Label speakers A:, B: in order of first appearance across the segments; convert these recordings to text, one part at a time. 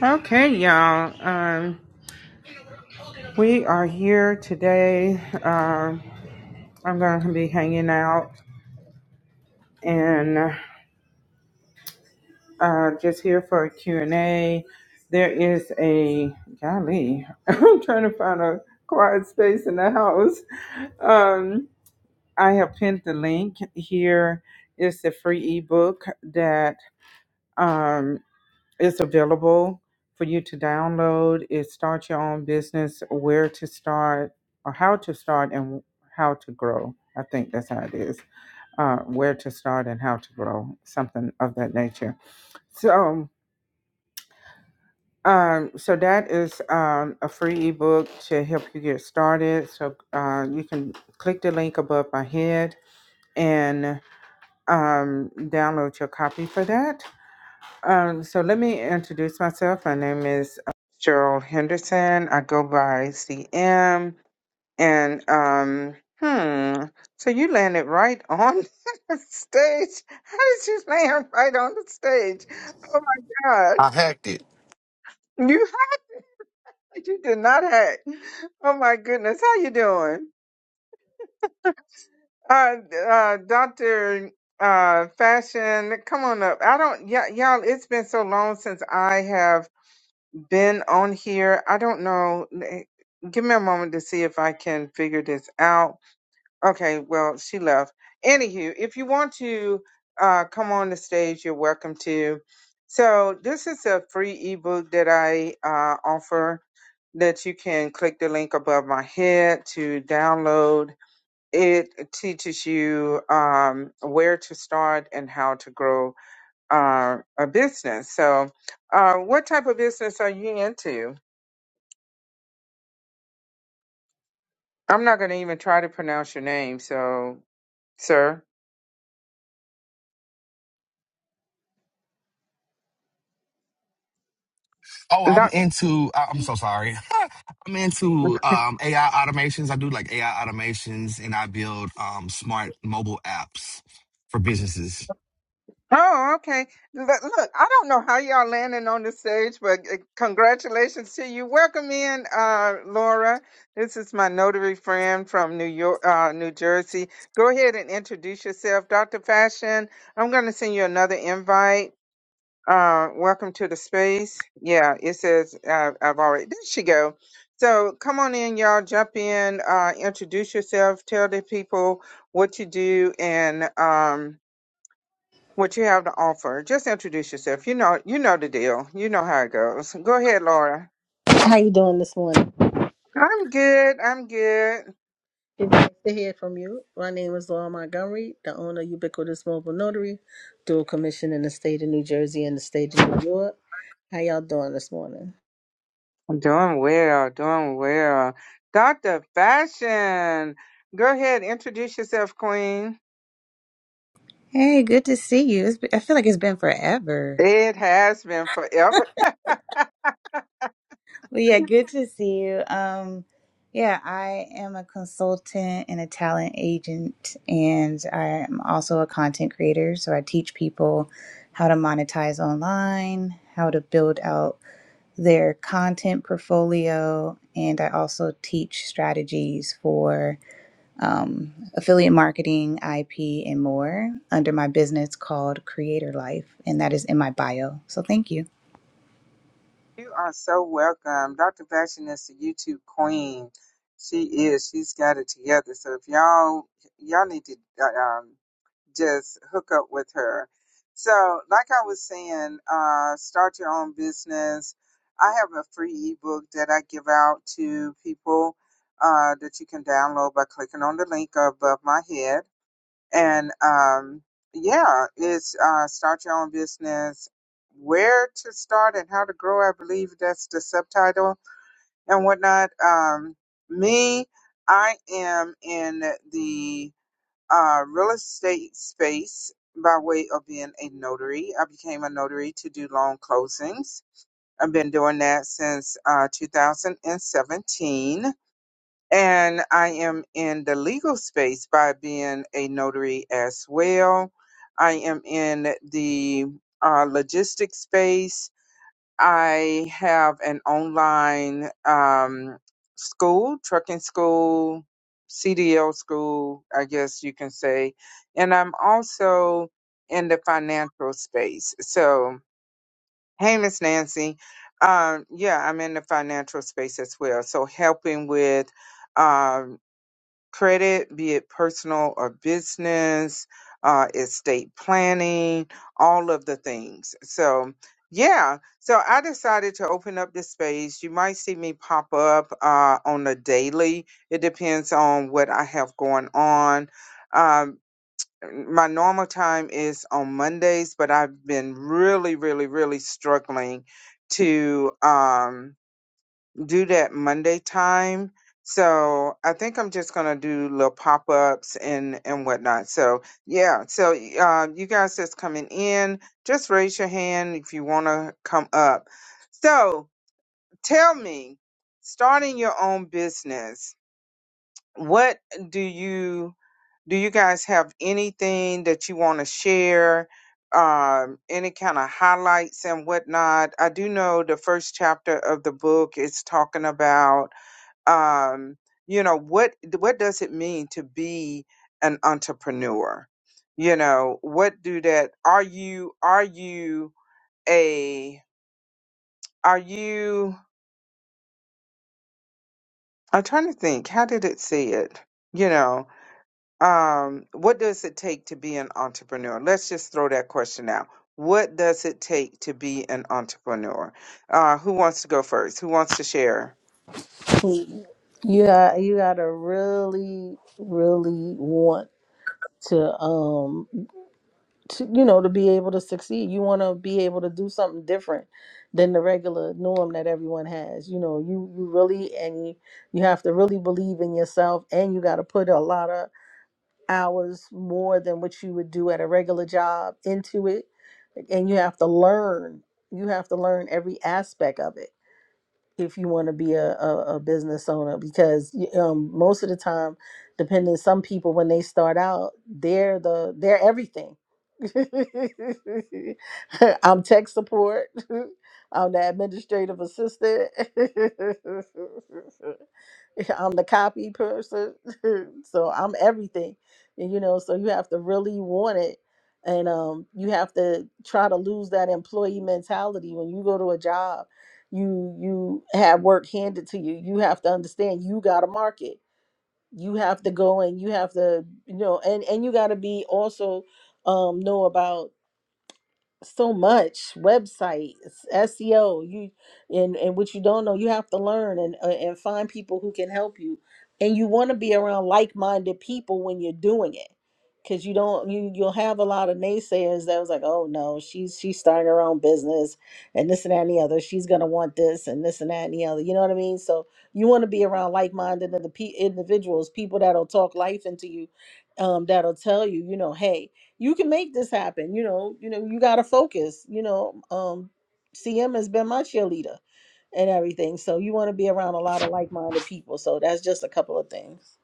A: Okay, y'all. Um, we are here today. Um, I'm going to be hanging out and uh, just here for a Q and A. There is a, golly, I'm trying to find a quiet space in the house. Um, I have pinned the link. here. It's the free ebook that um, It's available for you to download. It start your own business, where to start, or how to start, and how to grow. I think that's how it is. Uh, where to start and how to grow, something of that nature. So, um, so that is um, a free ebook to help you get started. So uh, you can click the link above my head and um, download your copy for that. Um, so let me introduce myself. My name is uh, Cheryl Henderson. I go by CM. And um, hmm. So you landed right on the stage. How did you land right on the stage? Oh my God!
B: I hacked it.
A: You you did not hack. Oh my goodness. How you doing? Uh, uh, Doctor uh fashion come on up i don't y- y'all it's been so long since i have been on here. I don't know. Eh, Give me a moment to see if I can figure this out. Okay, well, she left. Anywho, if you want to uh, come on the stage, you're welcome to. So, this is a free ebook that I uh, offer that you can click the link above my head to download. It teaches you um, where to start and how to grow uh, a business. So, uh, what type of business are you into? I'm not going to even try to pronounce your name, so, sir.
B: Oh, I'm
A: Doc-
B: into. I- I'm so sorry. I'm into um, AI automations. I do like AI automations, and I build um, smart mobile apps for businesses.
A: oh, okay. Look, look, I don't know how y'all landing on the stage, but uh, congratulations to you. Welcome in, uh, Laura. This is my notary friend from New York, uh, New Jersey. Go ahead and introduce yourself, Dr. Fashion. I'm going to send you another invite. Uh, welcome to the space. Yeah, it says uh, I've already. There she go. So come on in, y'all. Jump in. Uh, introduce yourself. Tell the people what you do and um, what you have to offer. Just introduce yourself. You know, you know the deal. You know how it goes. Go ahead, Laura.
C: How you doing this morning?
A: I'm good. I'm good.
C: It's nice to hear from you. My name is Laura Montgomery, the owner of Ubiquitous Mobile Notary, dual commission in the state of New Jersey and the state of New York. How y'all doing this morning?
A: I'm doing well. Doing well. Doctor Fashion. Go ahead. Introduce yourself, Queen.
D: Hey, good to see you. It's been, I feel like it's been forever.
A: It has been forever.
D: Well, yeah, good to see you. Um, yeah, I am a consultant and a talent agent, and I am also a content creator. So I teach people how to monetize online, how to build out their content portfolio, and I also teach strategies for um, affiliate marketing, IP, and more under my business called Creator Life, and that is in my bio. So thank you.
A: You are so welcome. Dr. Fashion is the YouTube queen. She is. She's got it together. So if y'all y'all need to uh, um, just hook up with her. So like I was saying, uh, start your own business. I have a free ebook that I give out to people uh, that you can download by clicking on the link above my head and um, yeah, it's uh, start your own business. Where to start and how to grow, I believe that's the subtitle and whatnot. Um, me, I am in the uh, real estate space by way of being a notary. I became a notary to do loan closings. I've been doing that since uh, 2017 and I am in the legal space by being a notary as well. I am in the uh, logistics space. I have an online um, school, trucking school, CDL school, I guess you can say. And I'm also in the financial space. So, hey, Miss Nancy. Um, yeah, I'm in the financial space as well. So, helping with um, credit, be it personal or business, uh, estate planning, all of the things. So, yeah, so I decided to open up this space. You might see me pop up uh, on a daily. It depends on what I have going on. Um, my normal time is on Mondays, but I've been really, really, really struggling to. Um, do that Monday time. So I think I'm just gonna do little pop ups and and whatnot. So yeah, so uh, you guys that's coming in, just raise your hand if you wanna come up. So tell me, starting your own business, what do you do? You guys have anything that you want to share? Um, any kind of highlights and whatnot. I do know the first chapter of the book is talking about um, you know what what does it mean to be an entrepreneur you know what do that are you are you a are you i'm trying to think how did it say it you know um what does it take to be an entrepreneur let's just throw that question out what does it take to be an entrepreneur uh who wants to go first who wants to share
C: You got you gotta really, really want to um to you know to be able to succeed. You wanna be able to do something different than the regular norm that everyone has. You know, you you really and you, you have to really believe in yourself and you gotta put a lot of hours more than what you would do at a regular job into it and you have to learn you have to learn every aspect of it if you want to be a, a, a business owner because um, most of the time depending some people when they start out they're the they're everything i'm tech support i'm the administrative assistant i'm the copy person so i'm everything and you know so you have to really want it and um, you have to try to lose that employee mentality when you go to a job you you have work handed to you you have to understand you got to market you have to go and you have to you know and and you got to be also um know about so much websites seo you and and what you don't know you have to learn and uh, and find people who can help you and you want to be around like-minded people when you're doing it because you don't you you'll have a lot of naysayers that was like oh no she's she's starting her own business and this and that and the other she's gonna want this and this and that and the other you know what i mean so you want to be around like-minded and the pe- individuals people that'll talk life into you um that'll tell you you know hey you can make this happen. You know, you know, you gotta focus. You know, um, CM has been my cheerleader and everything. So you want to be around a lot of like-minded people. So that's just a couple of things.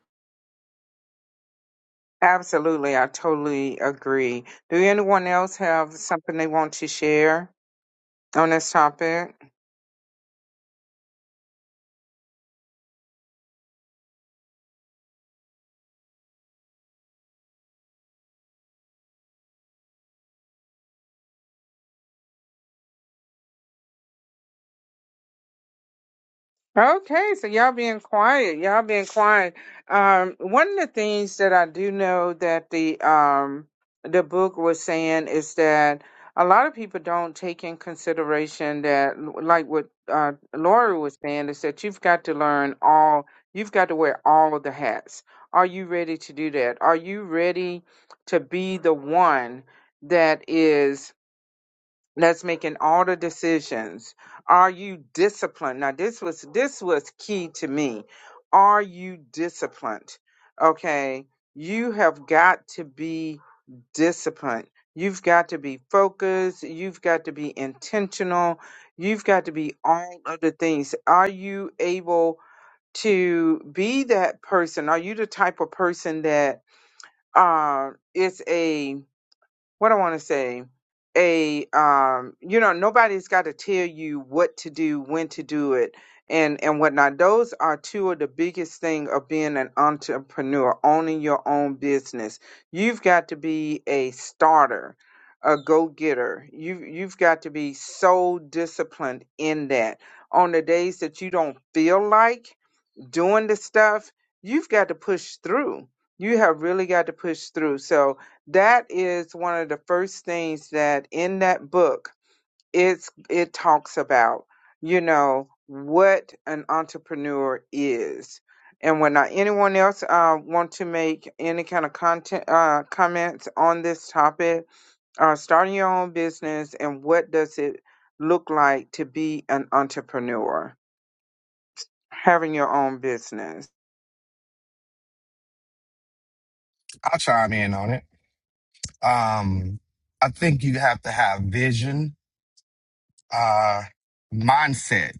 A: Absolutely, I totally agree. Do anyone else have something they want to share on this topic? Okay, so y'all being quiet, y'all being quiet. Um, one of the things that I do know that the um the book was saying is that a lot of people don't take in consideration that, like what uh, Laura was saying, is that you've got to learn all, you've got to wear all of the hats. Are you ready to do that? Are you ready to be the one that is? Let's make in all the decisions. Are you disciplined? Now this was this was key to me. Are you disciplined? Okay. You have got to be disciplined. You've got to be focused. You've got to be intentional. You've got to be all of the things. Are you able to be that person? Are you the type of person that uh, is a what I want to say, a um, you know, nobody's got to tell you what to do, when to do it, and and whatnot. Those are two of the biggest thing of being an entrepreneur, owning your own business. You've got to be a starter, a go getter. You you've got to be so disciplined in that. On the days that you don't feel like doing this stuff, you've got to push through. You have really got to push through. So that is one of the first things that in that book it's it talks about, you know, what an entrepreneur is. And when not anyone else uh, want to make any kind of content uh, comments on this topic, uh, starting your own business and what does it look like to be an entrepreneur, having your own business?
B: I'll chime in on it. Um, I think you have to have vision, uh, mindset.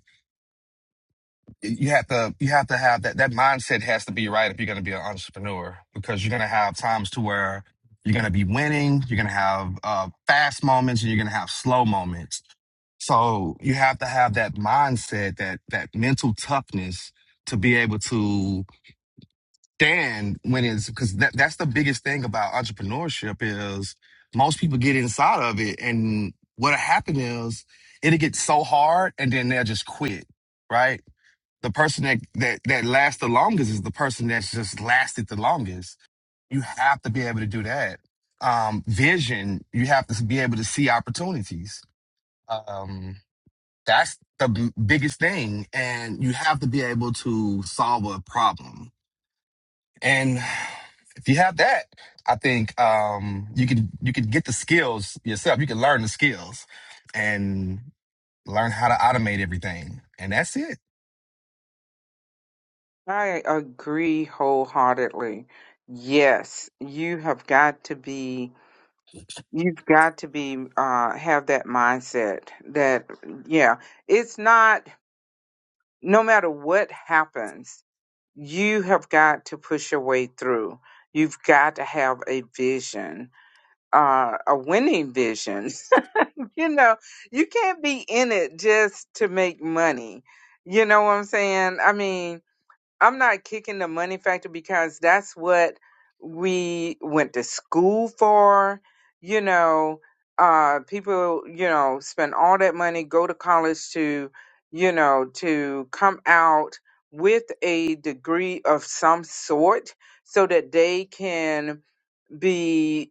B: you have to you have to have that that mindset has to be right if you're going to be an entrepreneur because you're going to have times to where you're going to be winning you're going to have uh, fast moments and you're going to have slow moments so you have to have that mindset that that mental toughness to be able to stand when it's because that, that's the biggest thing about entrepreneurship is most people get inside of it and what'll happen is it'll get so hard and then they'll just quit right the person that that that lasts the longest is the person that's just lasted the longest. You have to be able to do that. Um, vision, you have to be able to see opportunities. Um, that's the b- biggest thing, and you have to be able to solve a problem. And if you have that, I think um, you can you can get the skills yourself. You can learn the skills and learn how to automate everything, and that's it.
A: I agree wholeheartedly. Yes, you have got to be, you've got to be, uh, have that mindset that, yeah, it's not, no matter what happens, you have got to push your way through. You've got to have a vision, uh, a winning vision. you know, you can't be in it just to make money. You know what I'm saying? I mean, I'm not kicking the money factor because that's what we went to school for. You know, uh, people, you know, spend all that money, go to college to, you know, to come out with a degree of some sort so that they can, be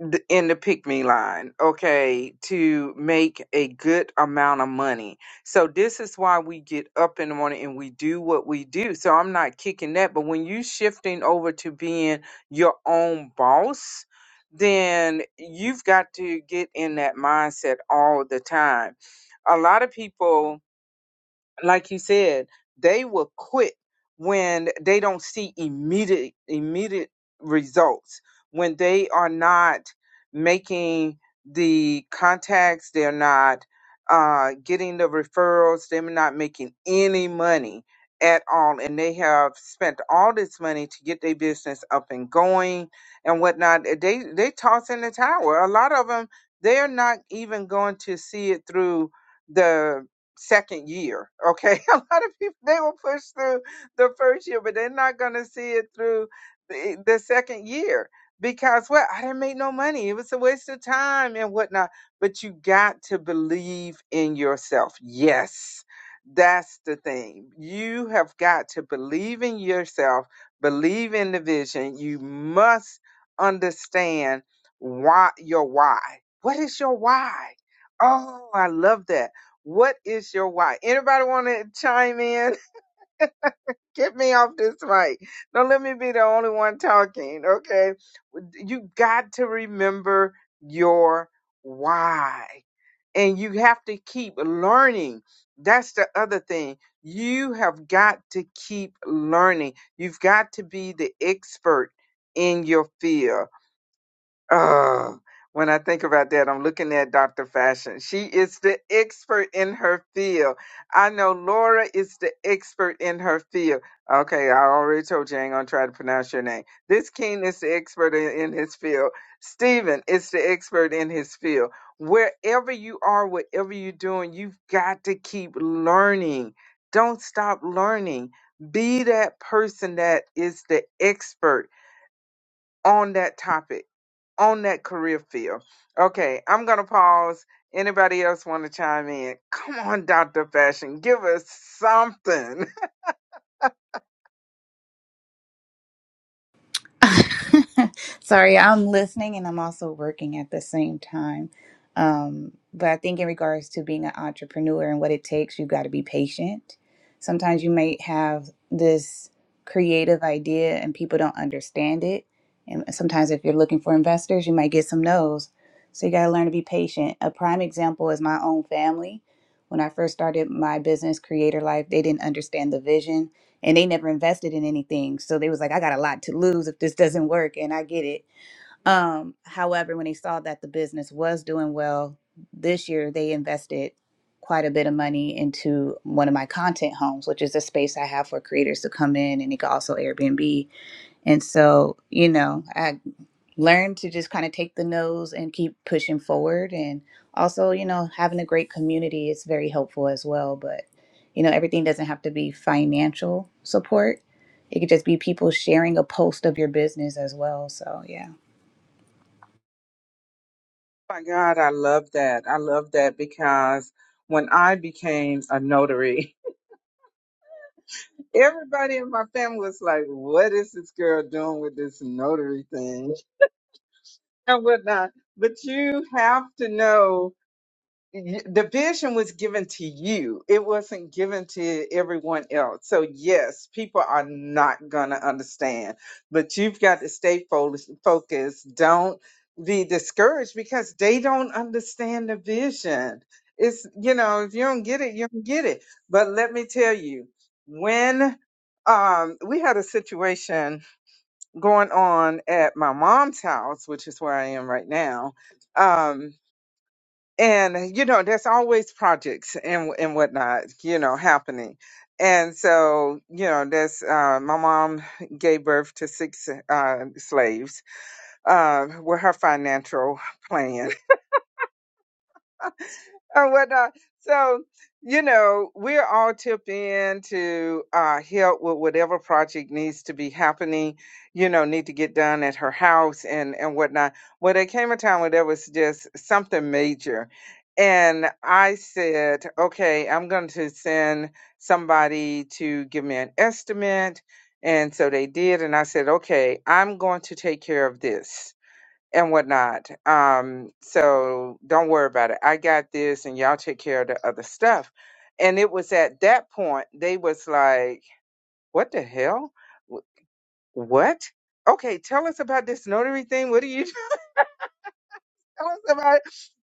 A: th- in the pick me line, okay, to make a good amount of money. So this is why we get up in the morning and we do what we do. So I'm not kicking that, but when you shifting over to being your own boss, then you've got to get in that mindset all the time. A lot of people like you said, they will quit when they don't see immediate immediate results, when they are not making the contacts, they're not uh, getting the referrals, they're not making any money at all, and they have spent all this money to get their business up and going and whatnot. They they toss in the tower. A lot of them, they're not even going to see it through the second year. Okay, a lot of people they will push through the first year, but they're not going to see it through the, the second year because what I didn't make no money. It was a waste of time and whatnot. But you got to believe in yourself. Yes, that's the thing. You have got to believe in yourself. Believe in the vision. You must understand why your why. What is your why? Oh, I love that what is your why? Anybody want to chime in? Get me off this mic. Don't let me be the only one talking, okay? You got to remember your why. And you have to keep learning. That's the other thing. You have got to keep learning. You've got to be the expert in your field. Oh, when I think about that, I'm looking at Dr. Fashion. She is the expert in her field. I know Laura is the expert in her field. Okay, I already told you I ain't gonna try to pronounce your name. This King is the expert in, in his field. Stephen is the expert in his field. Wherever you are, whatever you're doing, you've got to keep learning. Don't stop learning. Be that person that is the expert on that topic, on that career field. Okay, I'm gonna pause. Anybody else want to chime in? Come on, Dr. Fashion, give us something.
D: Sorry, I'm listening and I'm also working at the same time. Um, but I think in regards to being an entrepreneur and what it takes, you've got to be patient. Sometimes you might have this creative idea and people don't understand it. And sometimes if you're looking for investors, you might get some no's. So you got to learn to be patient. A prime example is my own family. When I first started my business, Creator Life, they didn't understand the vision and they never invested in anything. So they was like, I got a lot to lose if this doesn't work, and I get it. Um, however, when they saw that the business was doing well this year, they invested quite a bit of money into one of my content homes, which is a space I have for creators to come in, and it can also Airbnb. And so, you know, I learned to just kind of take the nose and keep pushing forward. And also, you know, having a great community is very helpful as well. But, you know, everything doesn't have to be financial support, it could just be people sharing a post of your business as well. So, yeah.
A: My God, I love that. I love that because when I became a notary, everybody in my family was like, What is this girl doing with this notary thing? And whatnot. But you have to know y- the vision was given to you. It wasn't given to everyone else. So yes, people are not gonna understand, but you've got to stay fo- focused. Don't be discouraged because they don't understand the vision. It's you know, if you don't get it, you don't get it. But let me tell you, when um we had a situation going on at my mom's house, which is where I am right now. um, and you know there's always projects and and whatnot you know happening and so you know there's uh my mom gave birth to six uh slaves uh with her financial plan or whatnot. So, you know, we're all tipped in to uh, help with whatever project needs to be happening, you know, need to get done at her house and, and whatnot. Well, there came a time when there was just something major. And I said, okay, I'm going to send somebody to give me an estimate. And so they did. And I said, okay, I'm going to take care of this and whatnot. Um, so don't worry about it. I got this, and y'all take care of the other stuff. And it was at that point they was like, "What the hell? Wh- What? Okay, tell us about this notary thing. What do you tell us about it?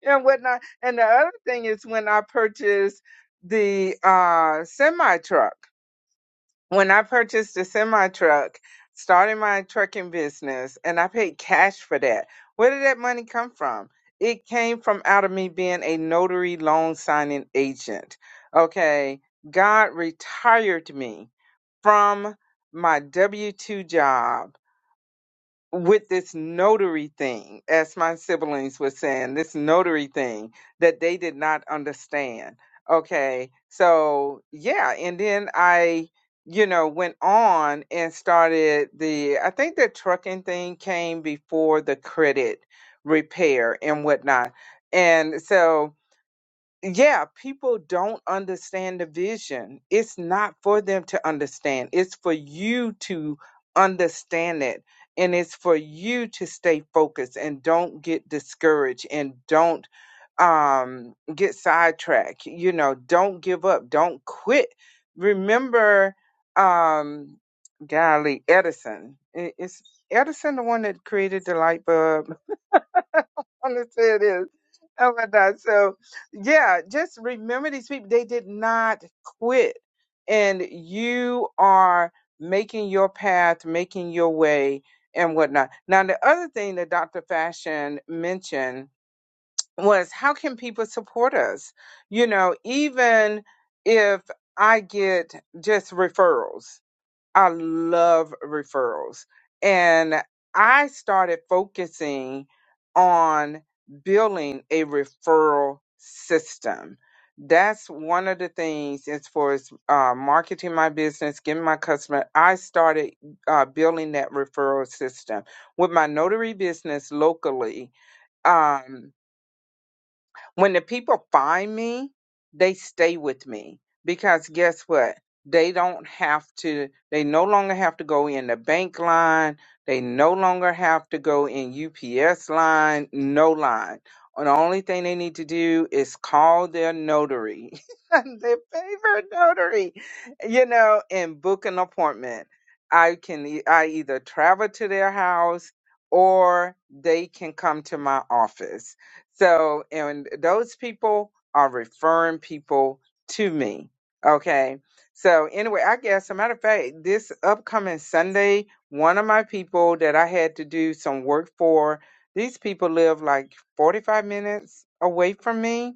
A: and whatnot?" And the other thing is when I purchased the uh, semi truck. when I purchased a semi truck, started my trucking business, and I paid cash for that, where did that money come from? It came from out of me being a notary loan signing agent. Okay. God retired me from my W 2 job with this notary thing, as my siblings were saying, this notary thing that they did not understand. Okay. So, yeah. And then I, you know, went on and started the, I think the trucking thing came before the credit repair and whatnot. And so, yeah, people don't understand the vision. It's not for them to understand. It's for you to understand it. And it's for you to stay focused and don't get discouraged and don't um get sidetracked. You know, don't give up. Don't quit. Remember um golly, Edison. I- Is Edison the one that created the light bulb? understand is and whatnot. So yeah, just remember these people. They did not quit. And you are making your path, making your way and whatnot. Now the other thing that Dr. Fashion mentioned was how can people support us? You know, even if I get just referrals, I love referrals. And I started focusing on building a referral system. That's one of the things as far as uh, marketing my business, getting my customer. I started uh, building that referral system with my notary business locally. Um, when the people find me, they stay with me because guess what? They don't have to, they no longer have to go in the bank line. They no longer have to go in UPS line, no line. And the only thing they need to do is call their notary, their favorite notary, you know, and book an appointment. I can, e- I either travel to their house or they can come to my office so, and those people are referring people to me. Okay. So, anyway, I guess, as a matter of fact, this upcoming Sunday, one of my people that I had to do some work for, these people live like 45 minutes away from me,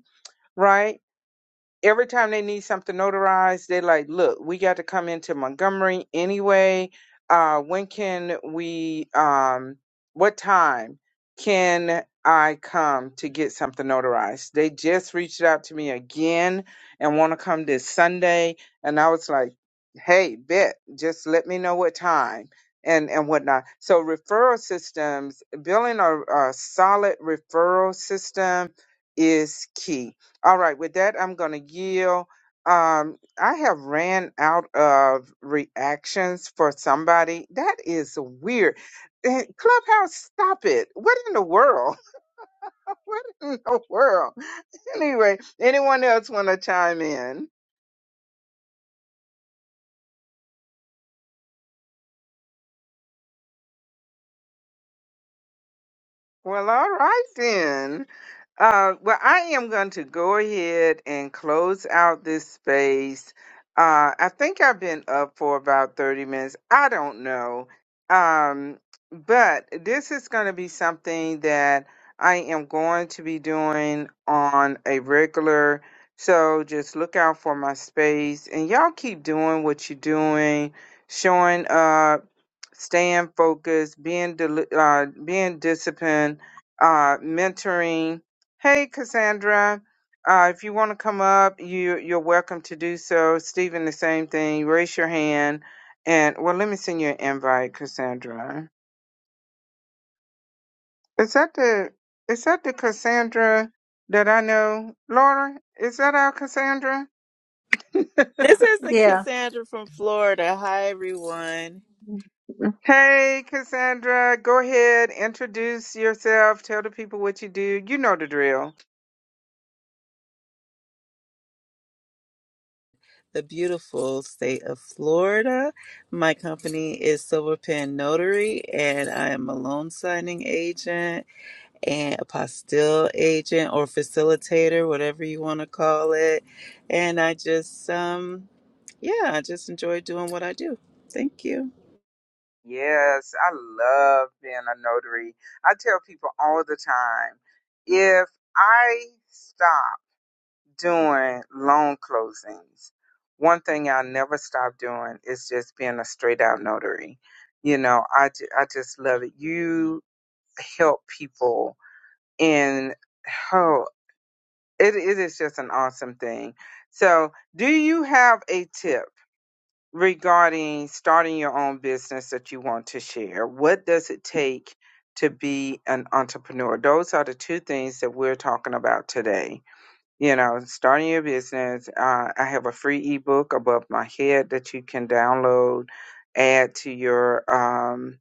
A: right? every time they need something notarized, they like, look, we got to come into Montgomery anyway. Uh, when can we, um, what time can I come to get something notarized? They just reached out to me again and want to come this Sunday. And I was like, hey, bet, just let me know what time. And, and whatnot. So referral systems, building a, a solid referral system is key all right, with that, I'm going to yield. Um, I have ran out of reactions for somebody. That is weird. Eh, Clubhouse, stop it. What in the world? What in the world? Anyway, anyone else want to chime in? Well, all right then. Uh, well, I am going to go ahead and close out this space. Uh, I think I've been up for about 30 minutes. I don't know. Um, but this is going to be something that I am going to be doing on a regular. So just look out for my space and y'all keep doing what you're doing, showing up staying focused, being del uh, being disciplined, uh, mentoring. Hey, Cassandra, uh, if you want to come up, you you're welcome to do so. Stephen, the same thing. Raise your hand, and well, let me send you an invite, Cassandra. Is that the is that the Cassandra that I know, Laura? Is that our Cassandra?
E: This is the
C: Yeah.
E: Cassandra from Florida. Hi, everyone.
A: Hey, Cassandra, go ahead, introduce yourself, tell the people what you do. You know the drill.
E: The beautiful state of Florida. My company is Silver Pen Notary, and I am a loan signing agent and a apostille agent or facilitator, whatever you want to call it. And I just, um, yeah, I just enjoy doing what I do. Thank you.
A: Yes, I love being a notary. I tell people all the time if I stop doing loan closings, one thing I'll never stop doing is just being a straight out notary. You know, I, ju- I just love it. You help people in. oh, It, it is just an awesome thing. So, do you have a tip regarding starting your own business that you want to share? What does it take to be an entrepreneur? Those are the two things that we're talking about today. You know, starting your business. Uh, I have a free ebook above my head that you can download, add to your um,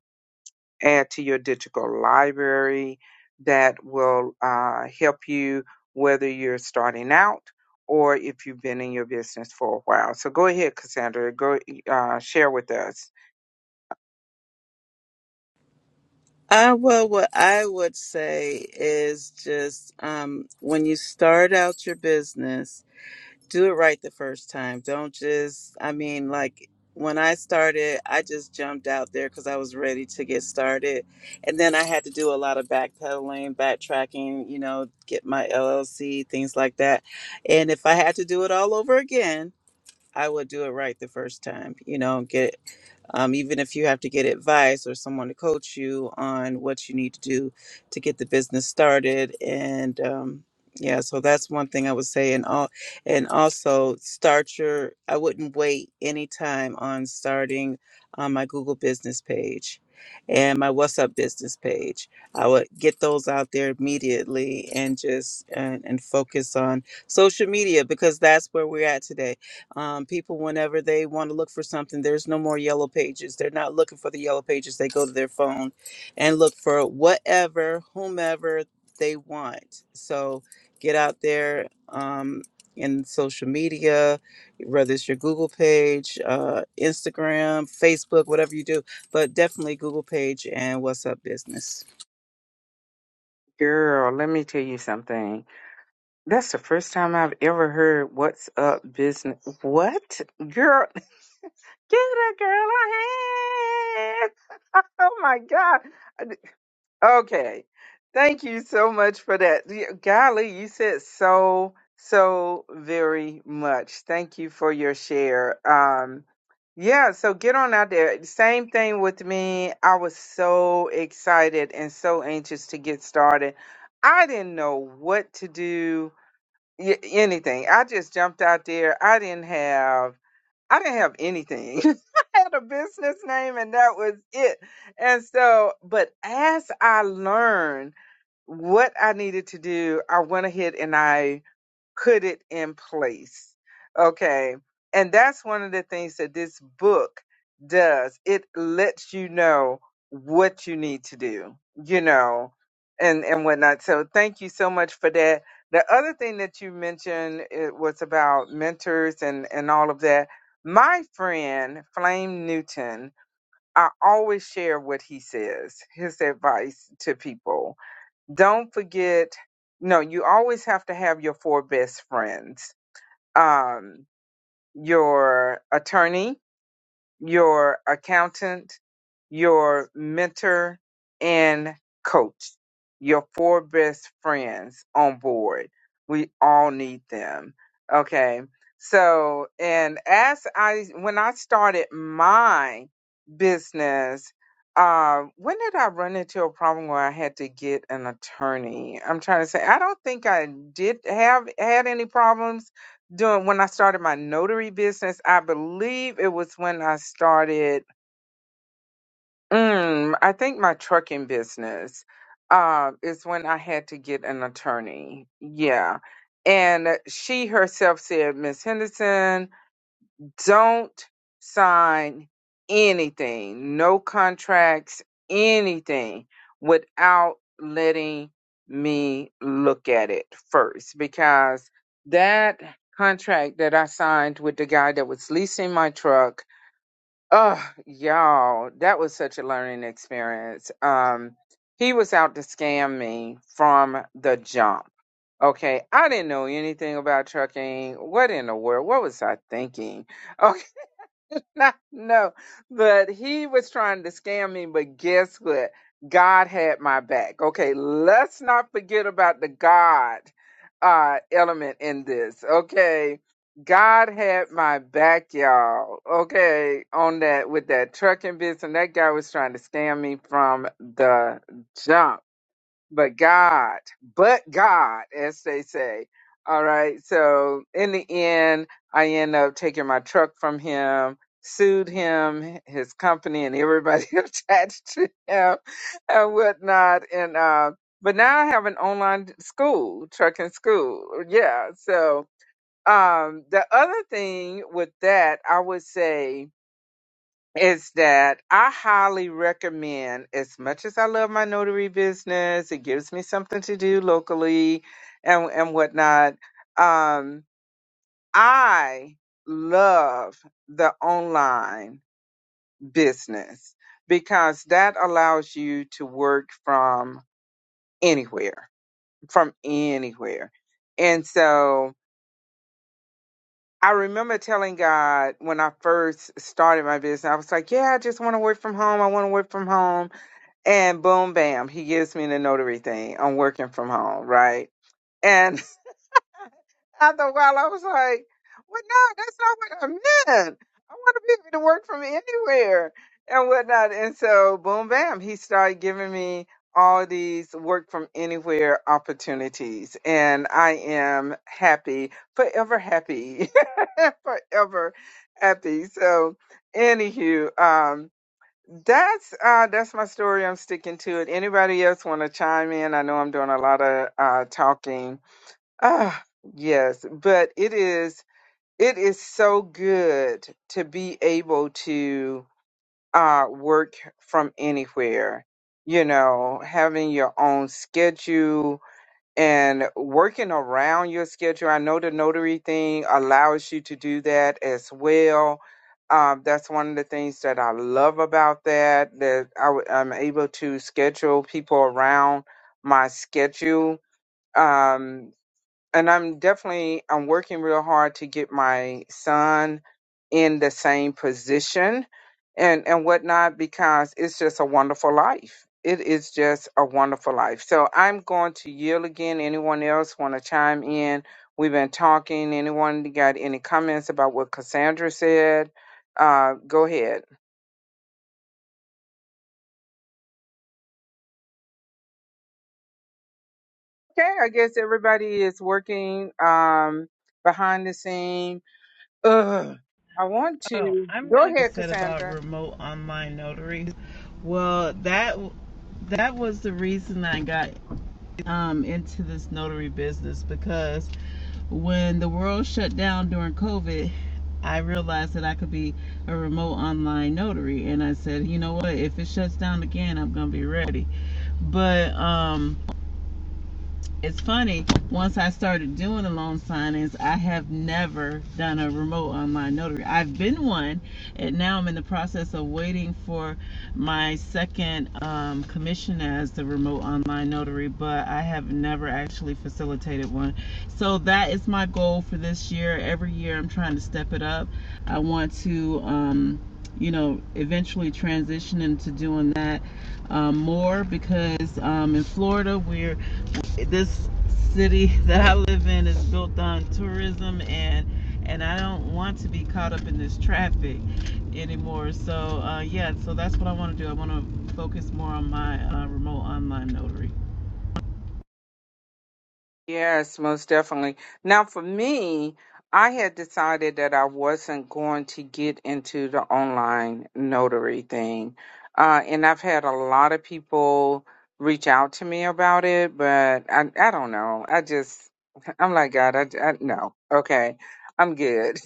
A: add to your digital library that will uh, help you whether you're starting out or if you've been in your business for a while. So go ahead, Cassandra. Go uh, share with us.
E: Uh, well, what I would say is just um, when you start out your business, do it right the first time. Don't just, I mean, like when I started, I just jumped out there because I was ready to get started. And then I had to do a lot of backpedaling, backtracking, you know, get my LLC, things like that. And if I had to do it all over again, I would do it right the first time, you know, get um, even if you have to get advice or someone to coach you on what you need to do to get the business started and um, yeah so that's one thing i would say and all and also start your i wouldn't wait any time on starting on my google business page and my what's up business page i would get those out there immediately and just and, and focus on social media because that's where we're at today um, people, whenever they want to look for something, there's no more yellow pages. They're not looking for the yellow pages. They go to their phone and look for whatever, whomever they want. So get out there um, in social media, whether it's your Google page, uh, Instagram, Facebook, whatever you do, but definitely Google page and What's Up Business.
A: Girl, let me tell you something. That's the first time I've ever heard what's up business. What? Girl, get a girl a hand. Oh my God. Okay. Thank you so much for that. Y- Golly, you said so, so very much. Thank you for your share. Um, yeah, so get on out there. Same thing with me. I was so excited and so anxious to get started. I didn't know what to do, y- anything. I just jumped out there. I didn't have I didn't have anything. I had a business name and that was it. And so, but as I learned what I needed to do, I went ahead and I put it in place. Okay. And that's one of the things that this book does. It lets you know what you need to do, you know, and, and whatnot. So thank you so much for that. The other thing that you mentioned it was about mentors and, and all of that. My friend, Flame Newton, I always share what he says, his advice to people don't forget, no, you always have to have your four best friends. Um, your attorney, your accountant, your mentor and coach, your four best friends on board. We all need them. Okay. So, and as I, when I started my business, uh, when did I run into a problem where I had to get an attorney? I'm trying to say, I don't think I did have had any problems doing when I started my notary business. I believe it was when I started. Mm, I think my trucking business uh, is when I had to get an attorney. Yeah, and she herself said, Miss Henderson don't sign anything, no contracts, anything without letting me look at it first because that contract that I signed with the guy that was leasing my truck, oh y'all, that was such a learning experience. Um he was out to scam me from the jump. Okay, I didn't know anything about trucking. What in the world? What was I thinking? Okay, no, but he was trying to scam me. But guess what? God had my back. Okay, let's not forget about the God uh, element in this. Okay, God had my back, y'all. Okay, on that with that trucking business, and that guy was trying to scam me from the jump but God, but God, as they say. All right. So in the end, I end up taking my truck from him, sued him, his company, and everybody attached to him and whatnot. And uh, but now I have an online school, trucking school. Yeah. So um, the other thing with that, I would say is that I highly recommend, as much as I love my notary business, it gives me something to do locally and, and whatnot. Um, I love the online business because that allows you to work from anywhere, from anywhere. And so I remember telling God when I first started my business, I was like, yeah, I just want to work from home. I want to work from home And boom, bam, he gives me the notary thing. I'm working from home, right? And after a while, I was like, well, no, that's not what I meant. I want to be able to work from anywhere and whatnot. And so, boom, bam, he started giving me all these work from anywhere opportunities. And I am happy, forever happy, forever happy. So, anywho, um, that's uh that's my story. I'm sticking to it. Anybody else want to chime in? I know I'm doing a lot of uh talking. Ah, yes, but it is it is so good to be able to uh work from anywhere. You know, having your own schedule, and working around your schedule. I know the notary thing allows you to do that as well. Um, that's one of the things that I love about that. That I, w- I'm able to schedule people around my schedule. Um, and I'm definitely I'm working real hard to get my son in the same position and and whatnot because it's just a wonderful life. It is just a wonderful life. So I'm going to yield again. Anyone else want to chime in? We've been talking. Anyone got any comments about what Cassandra said? Uh, go ahead. Okay, I guess everybody is working um, behind the scene. Ugh. I want
E: Oh,
A: to
E: I'm
A: go
E: gonna you
A: ahead,
E: said about
A: Cassandra.
E: remote online notaries. Well, that that was the reason I got. um, into this notary business because when the world shut down during COVID, I realized that I could be a remote online notary. And I said, you know what? If it shuts down again, I'm going to be ready. But, um, it's funny, once I started doing the loan signings, I have never done a remote online notary. I've been one, and now I'm in the process of waiting for my second um, commission as the remote online notary, but I have never actually facilitated one. So that is my goal for this year. Every year I'm trying to step it up. I want to, um, you know, eventually transition into doing that um, more because um, in Florida we're this city that I live in is built on tourism and and I don't want to be caught up in this traffic anymore. So uh, yeah, so that's what I want to do. I want to focus more on my uh, remote online notary.
A: Yes, most definitely. Now, for me, I had decided that I wasn't going to get into the online notary thing. Uh, and I've had a lot of people reach out to me about it, but I, I don't know. I just, I'm like, God, I, I no. Okay. I'm good.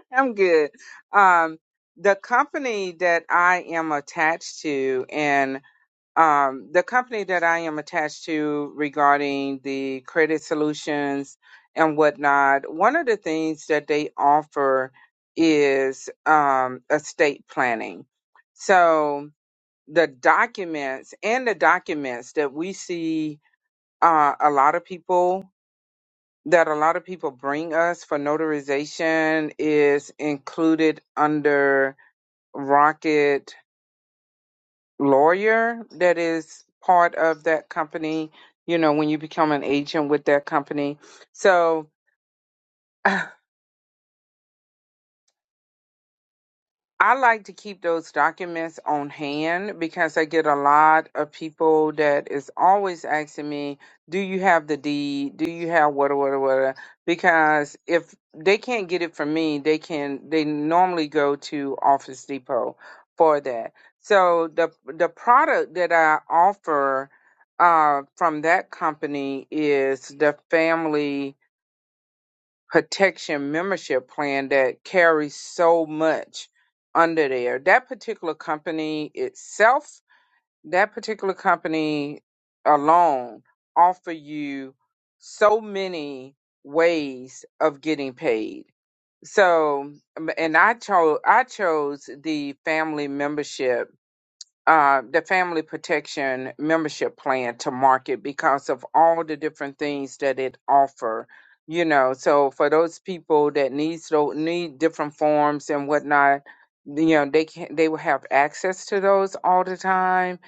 A: I'm good. Um, the company that I am attached to um, the company that I am attached to regarding the credit solutions and whatnot, one of the things that they offer is um, estate planning. So the documents and the documents that we see uh, a lot of people that a lot of people bring us for notarization is included under Rocket lawyer that is part of that company, you know, when you become an agent with that company. So I like to keep those documents on hand because I get a lot of people that is always asking me, "Do you have the deed? Do you have what, what, what?" Because if they can't get it from me, they can. They normally go to Office Depot for that. So the the product that I offer uh, from that company is the family protection membership plan that carries so much under there. That particular company itself, that particular company alone offer you so many ways of getting paid. So um, and I chose I chose the family membership uh, the family protection membership plan to market because of all the different things that it offer you know so for those people that needs to need different forms and whatnot you know they can they will have access to those all the time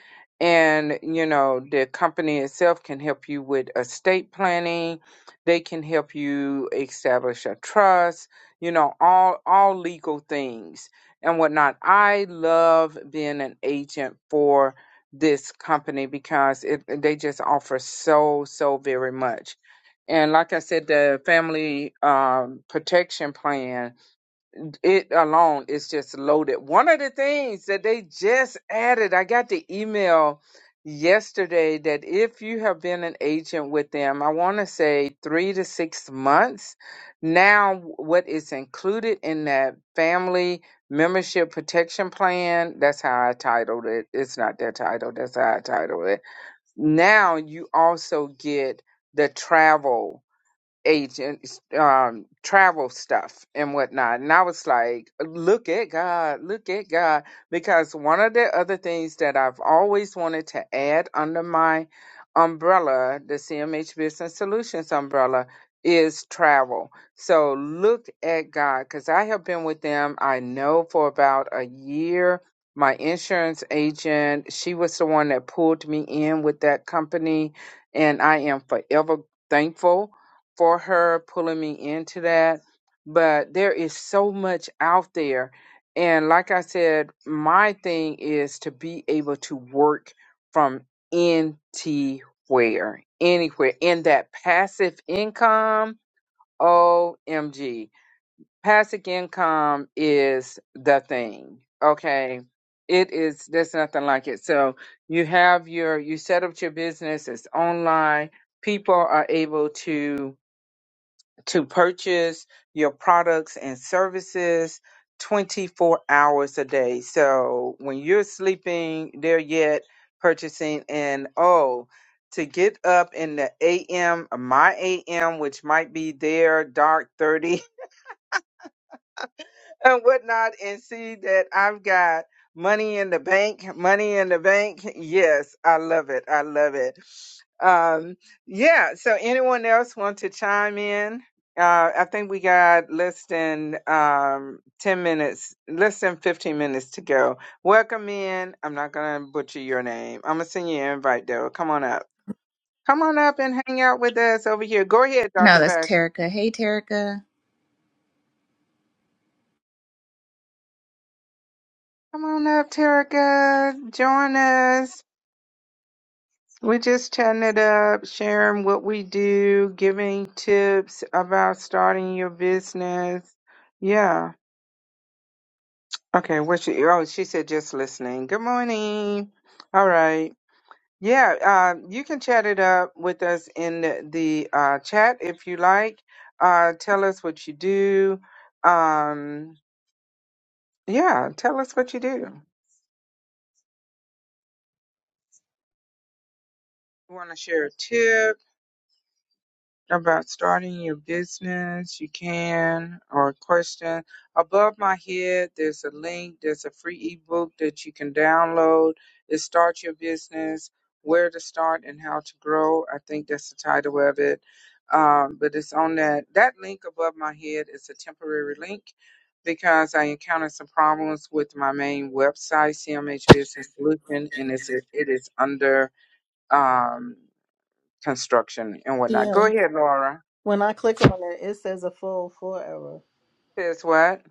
A: and you know the company itself can help you with estate planning they can help you establish a trust you know all all legal things and whatnot. I love being an agent for this company because it they just offer so so very much. And like I said, the family um, protection plan it alone is just loaded. One of the things that they just added, I got the email yesterday that if you have been an agent with them, I want to say three to six months. Now, what is included in that family membership protection plan? That's how I titled it. It's not their title, that's how I titled it. Now, you also get the travel agents um travel stuff and whatnot and i was like look at god look at god because one of the other things that i've always wanted to add under my umbrella the cmh business solutions umbrella is travel so look at god because i have been with them i know for about a year my insurance agent she was the one that pulled me in with that company and i am forever thankful for her pulling me into that. But there is so much out there. And like I said, my thing is to be able to work from anywhere, anywhere. In that passive income, OMG. Passive income is the thing. Okay. It is, there's nothing like it. So you have your, you set up your business, it's online. People are able to to purchase your products and services 24 hours a day. So when you're sleeping, they're yet purchasing. And oh, to get up in the AM, my AM, which might be their dark 30 and whatnot and see that I've got money in the bank, money in the bank. Yes, I love it. I love it. Um, yeah. So anyone else want to chime in? Uh, I think we got less than um, 10 minutes, less than 15 minutes to go. Welcome in. I'm not going to butcher your name. I'm going to send you an invite though. Come on up. Come on up and hang out with us over here. Go ahead,
D: No,
A: Dr.
D: that's
A: Fashion.
D: Terica. Hey, Terica.
A: Come on up, Terica. Join us. we just chatting it up, sharing what we do, giving tips about starting your business. Yeah. Okay. What she? Oh, she said just listening. Good morning. All right. Yeah. Uh, you can chat it up with us in the, the uh, chat if you like. Uh, tell us what you do. Um, yeah. Tell us what you do. Want to share a tip? about starting your business, you can, or a question. Above my head, there's a link, there's a free ebook that you can download. It start your business, where to start and how to grow. I think that's the title of it. Um, but it's on that that link above my head is a temporary link because I encountered some problems with my main website, CMH Business Solution, and it's it is under um, construction and whatnot.
C: Yeah.
A: Go ahead, Laura.
C: When I click on it, it says a full forever.
A: Says what?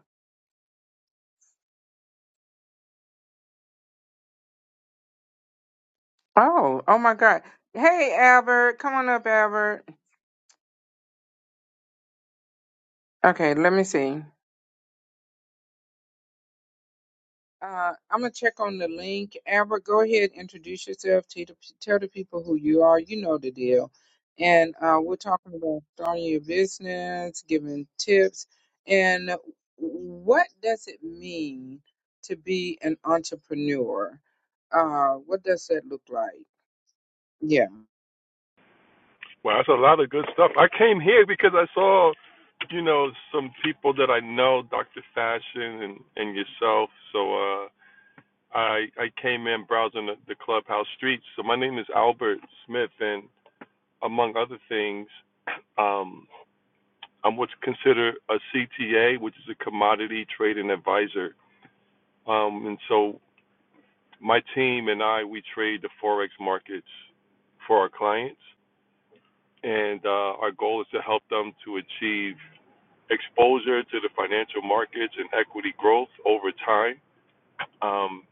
A: Oh, oh my God. Hey, Albert. Come on up, Albert. Okay, let me see. Uh, I'm going to check on the link. Albert, go ahead, introduce yourself. To the, tell the people who you are. You know the deal. And uh, we're talking about starting your business, giving tips, and what does it mean to be an entrepreneur? Uh, what does that look like? Yeah.
F: Well, that's a lot of good stuff. I came here because I saw, you know, some people that I know, Dr. Fashion and and yourself. So uh, I I came in browsing the, the clubhouse streets. So my name is Albert Smith, and among other things, um, I'm what's considered a CTA, which is a commodity trading advisor. Um, and so my team and I we trade the forex markets for our clients, and uh, our goal is to help them to achieve exposure to the financial markets and equity growth over time. Um,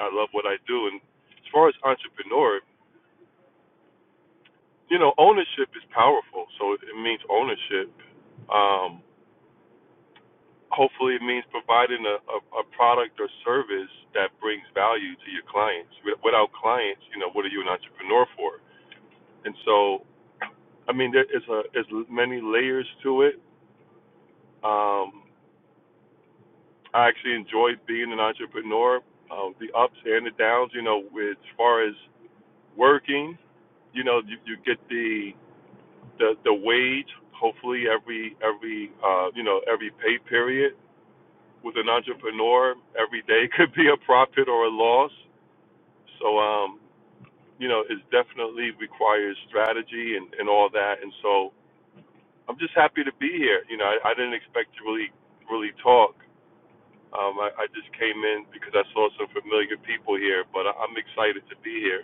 F: I love what I do. And as far as entrepreneur, you know, ownership is powerful. So it means ownership. Um, hopefully, it means providing a, a, a product or service that brings value to your clients. Without clients, you know, what are you an entrepreneur for? And so, I mean, there is a, there's many layers to it. Um, I actually enjoy being an entrepreneur. Um, the ups and the downs, you know, as far as working, you know, you, you get the, the the wage hopefully every every uh, you know every pay period. With an entrepreneur, every day could be a profit or a loss. So um, you know, it definitely requires strategy and, and all that. And so I'm just happy to be here. You know, I, I didn't expect to really really talk. Um, I, I just came in because I saw some familiar people here, but I, I'm excited to be here.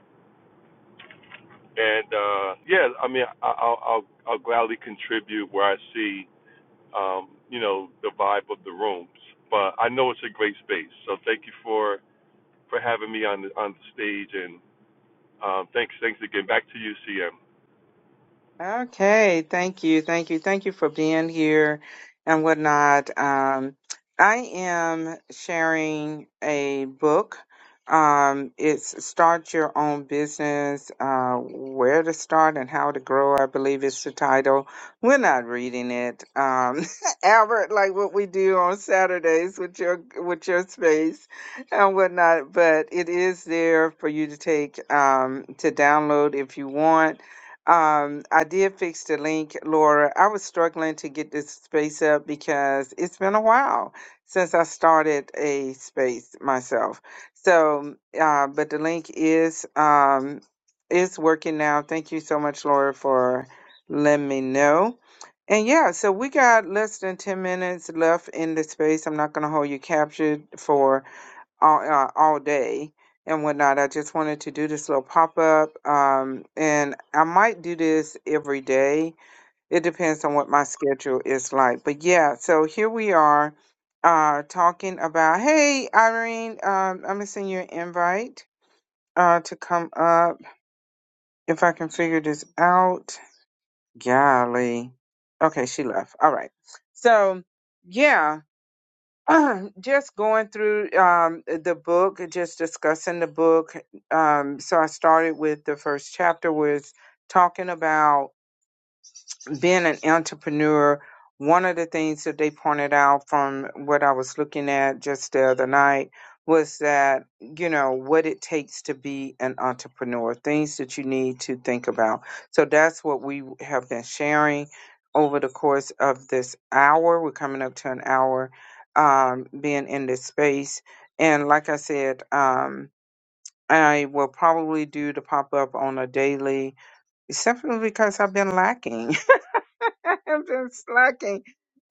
F: And uh, yeah, I mean, I, I'll, I'll I'll gladly contribute where I see, um, you know, the vibe of the rooms. But I know it's a great space, so thank you for for having me on the on the stage. And um, thanks thanks again. Back to you, CM.
A: Okay, thank you, thank you, thank you for being here and whatnot. Um, I am sharing a book. Um, it's Start Your Own Business, uh, Where to Start and How to Grow, I believe is the title. We're not reading it. Um, Albert, like what we do on Saturdays with your with your space and whatnot, but it is there for you to take um, to download if you want um, I did fix the link, Laura. I was struggling to get this space up because it's been a while since I started a space myself. So, uh, but the link is um, is working now. Thank you so much, Laura, for letting me know. And yeah, so we got less than ten minutes left in the space. I'm not going to hold you captured for all uh, all day and whatnot. I just wanted to do this little pop up, um, and I might do this every day. It depends on what my schedule is like. But yeah, so here we are uh, talking about. Hey, Irene, um, I'm gonna send you an invite uh, to come up if I can figure this out. Golly, okay, she left. All right, so yeah just going through um, the book, just discussing the book. Um, so I started with the first chapter was talking about being an entrepreneur, one of the things that they pointed out from what I was looking at just the other night was that, you know, what it takes to be an entrepreneur, things that you need to think about. So that's what we have been sharing over the course of this hour. We're coming up to an hour um, being in this space. And like I said, um, I will probably do the pop up on a daily, simply because I've been lacking. I've been slacking.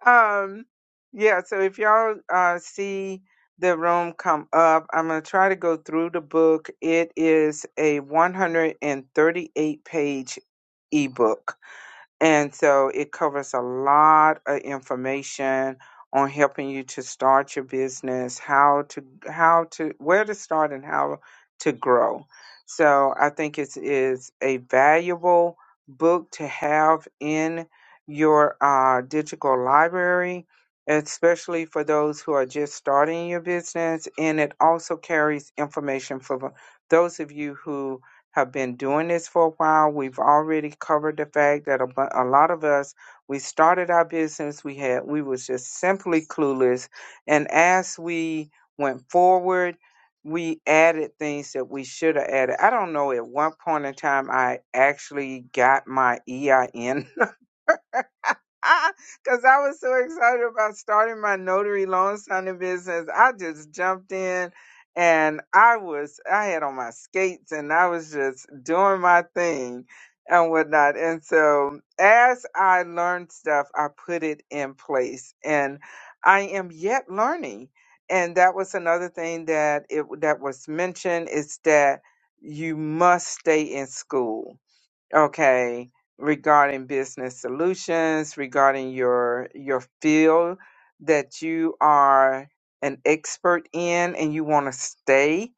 A: Um, yeah, so if y'all uh, see the room come up, I'm going to try to go through the book. It is a 138 page ebook. And so it covers a lot of information on helping you to start your business, how to how to where to start and how to grow. So I think it is a valuable book to have in your uh, digital library, especially for those who are just starting your business. And it also carries information for those of you who have been doing this for a while. We've already covered the fact that a, bu- a lot of us we started our business. We had we was just simply clueless, and as we went forward, we added things that we should have added. I don't know. At one point in time, I actually got my EIN Because I was so excited about starting my notary loan signing business. I just jumped in and I was, I had on my skates and I was just doing my thing and whatnot. And so as I learned stuff, I put it in place and I am yet learning. And that was another thing that it that was mentioned is that you must stay in school okay regarding business solutions regarding your your field that you are an expert in and you want to stay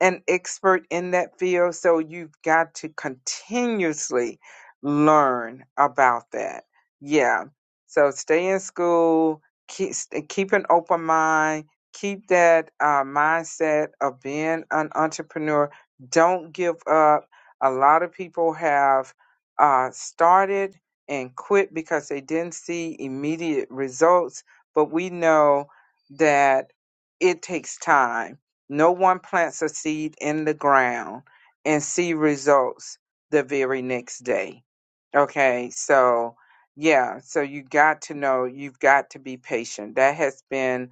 A: an expert in that field so you've got to continuously learn about that yeah so stay in school keep keep an open mind keep that uh, mindset of being an entrepreneur don't give up a lot of people have uh, started and quit because they didn't see immediate results, but we know that it takes time. No one plants a seed in the ground and see results the very next day. Okay, so yeah, so you got to know, you've got to be patient. That has been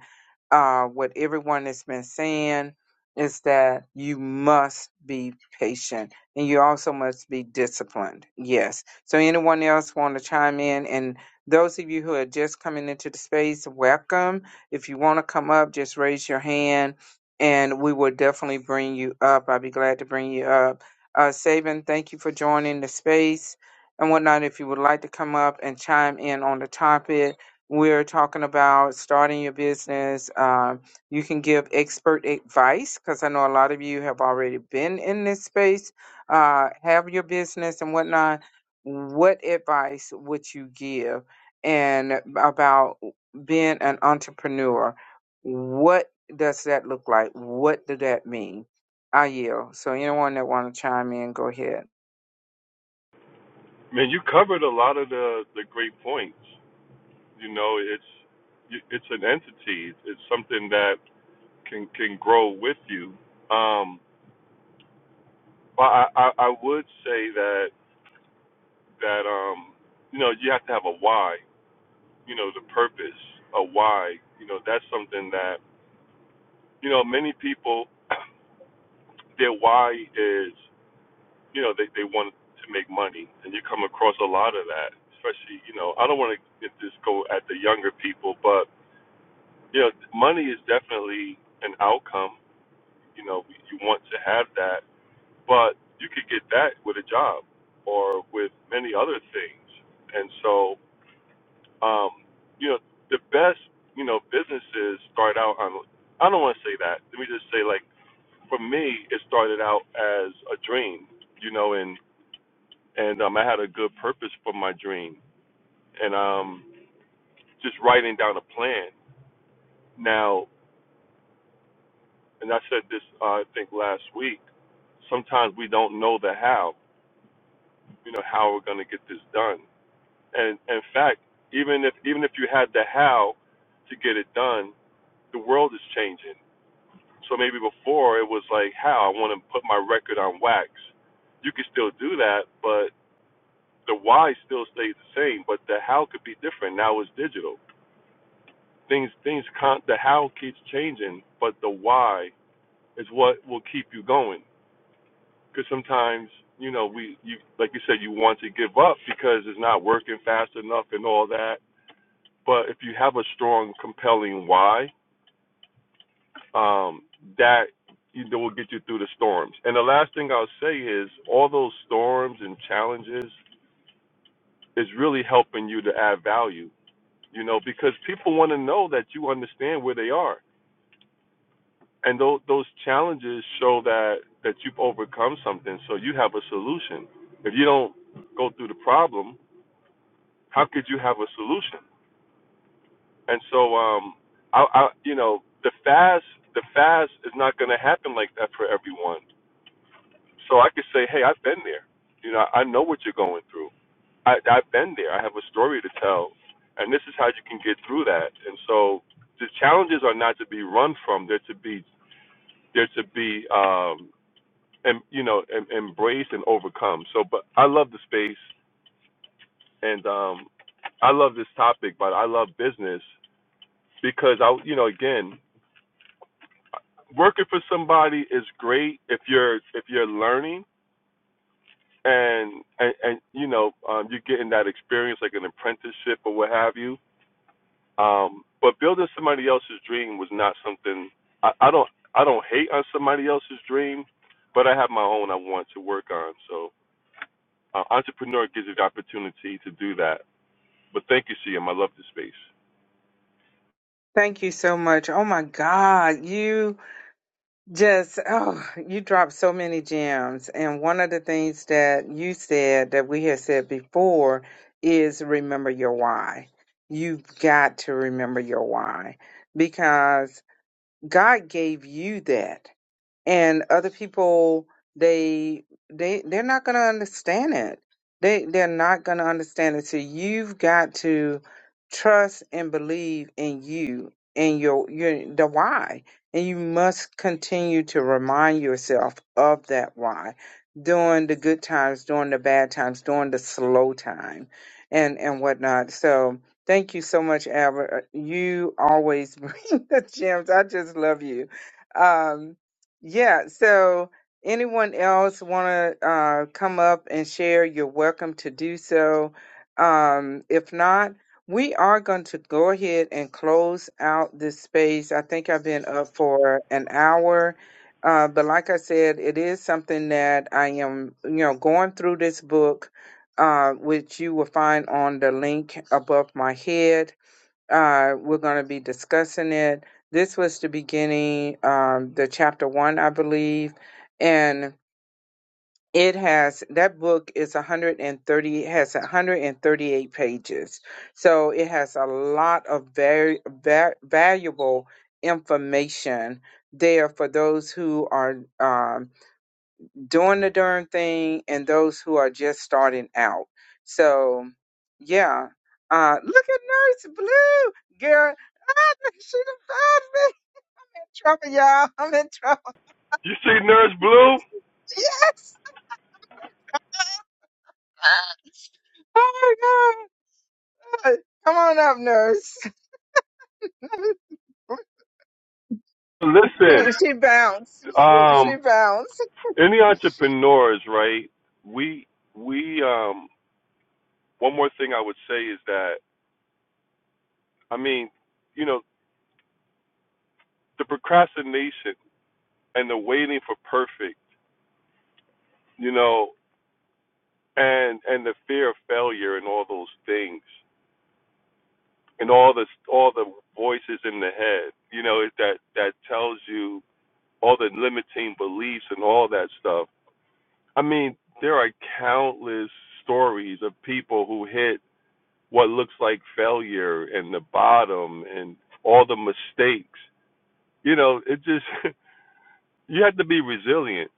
A: uh, what everyone has been saying is that you must be patient and you also must be disciplined. Yes. So, anyone else want to chime in? And those of you who are just coming into the space, welcome. If you want to come up, just raise your hand and we will definitely bring you up. I'll be glad to bring you up. Uh, Saban, thank you for joining the space and whatnot. If you would like to come up and chime in on the topic, we're talking about starting your business. Um, you can give expert advice because I know a lot of you have already been in this space, uh, have your business and whatnot. What advice would you give and about being an entrepreneur? What does that look like? What does that mean? I yield. So anyone that want to chime in, go ahead.
F: Man, you covered a lot of the the great points. You know, it's it's an entity. It's something that can can grow with you. Um, Well, I, I, I would say that that um, you know, you have to have a why. You know, the purpose, a why. You know, that's something that you know many people, their why is you know they they want to make money, and you come across a lot of that. Especially, you know, I don't want to just go at the younger people, but you know, money is definitely an outcome. You know, you want to have that, but you could get that with a job or with many other things, and so um, you know, the best, you know, businesses start out on, I don't want to say that. Let me just say, like, for me, it started out as a dream, you know, and, and, um, I had a good purpose for my dream and, um, just writing down a plan. Now, and I said this, uh, I think last week, sometimes we don't know the how, you know, how we're going to get this done. And in fact, even if, even if you had the how to get it done, the world is changing So maybe before it was like, how I want to put my record on wax. You could still do that, but the why still stays the same, but the how could be different. Now it's digital. Things, things, con- the how keeps changing, but the why is what will keep you going. Because sometimes, you know, we, you, like you said, you want to give up because it's not working fast enough and all that. But if you have a strong, compelling why, um, that you will get you through the storms. And the last thing I'll say is all those storms and challenges is really helping you to add value, you know, because people want to know that you understand where they are. And those, those challenges show that, that you've overcome something, so you have a solution. If you don't go through the problem, how could you have a solution? And so, um, I, I, you know, the fast, the fast is not going to happen like that for everyone So I could say, hey, I've been there. You know, I know what you're going through. I, I've been there. I have a story to tell, and this is how you can get through that. And so the challenges are not to be run from. They're to be they're to be um, and you know em- embraced and overcome. So, but I love the space, and um, I love this topic, but I love business because I you know again working for somebody is great if you're if you're learning and and, and you know um, you're getting that experience like an apprenticeship or what have you. Um, but building somebody else's dream was not something I, I don't I don't hate on somebody else's dream, but I have my own I want to work on. So uh, entrepreneur gives you the opportunity to do that. But thank you, CM. I love the space.
A: Thank you so much. Oh my God, you just, oh, you dropped so many gems. And one of the things that you said that we had said before is remember your why. You've got to remember your why because God gave you that and other people they they they're not going to understand it they they're not going to understand it so you've got to trust and believe in you and your your the why and you must continue to remind yourself of that why during the good times during the bad times during the slow time and and whatnot so thank you so much albert Uh, you always bring the gems i just love you um yeah, so anyone else want to uh, come up and share, you're welcome to do so. Um, if not, we are going to go ahead and close out this space. I think I've been up for an hour. Uh, but like I said, it is something that I am, you know, going through this book, uh, which you will find on the link above my head uh, we're going to be discussing it. This was the beginning, um, the chapter one, I believe, and it has that book is 130 has 138 pages, so it has a lot of very va- valuable information there for those who are um, doing the darn thing and those who are just starting out. So, yeah. Uh, look at Nurse Blue, girl. Ah, she done found me. Trouble, y'all. I'm in trouble.
F: You see, Nurse Blue.
A: Yes. Oh my God. Come on up, Nurse. she,
F: Listen,
A: she bounced. She,
F: um,
A: she bounced.
F: any entrepreneurs, right? We we um, one more thing I would say is that I mean you know. the procrastination and the waiting for perfect, you know, and and the fear of failure and all those things and all the all the voices in the head, you know, it- that that tells you all the limiting beliefs and all that stuff. I mean, there are countless stories of people who hit what looks like failure and the bottom and all the mistakes. You know, it just you have to be resilient.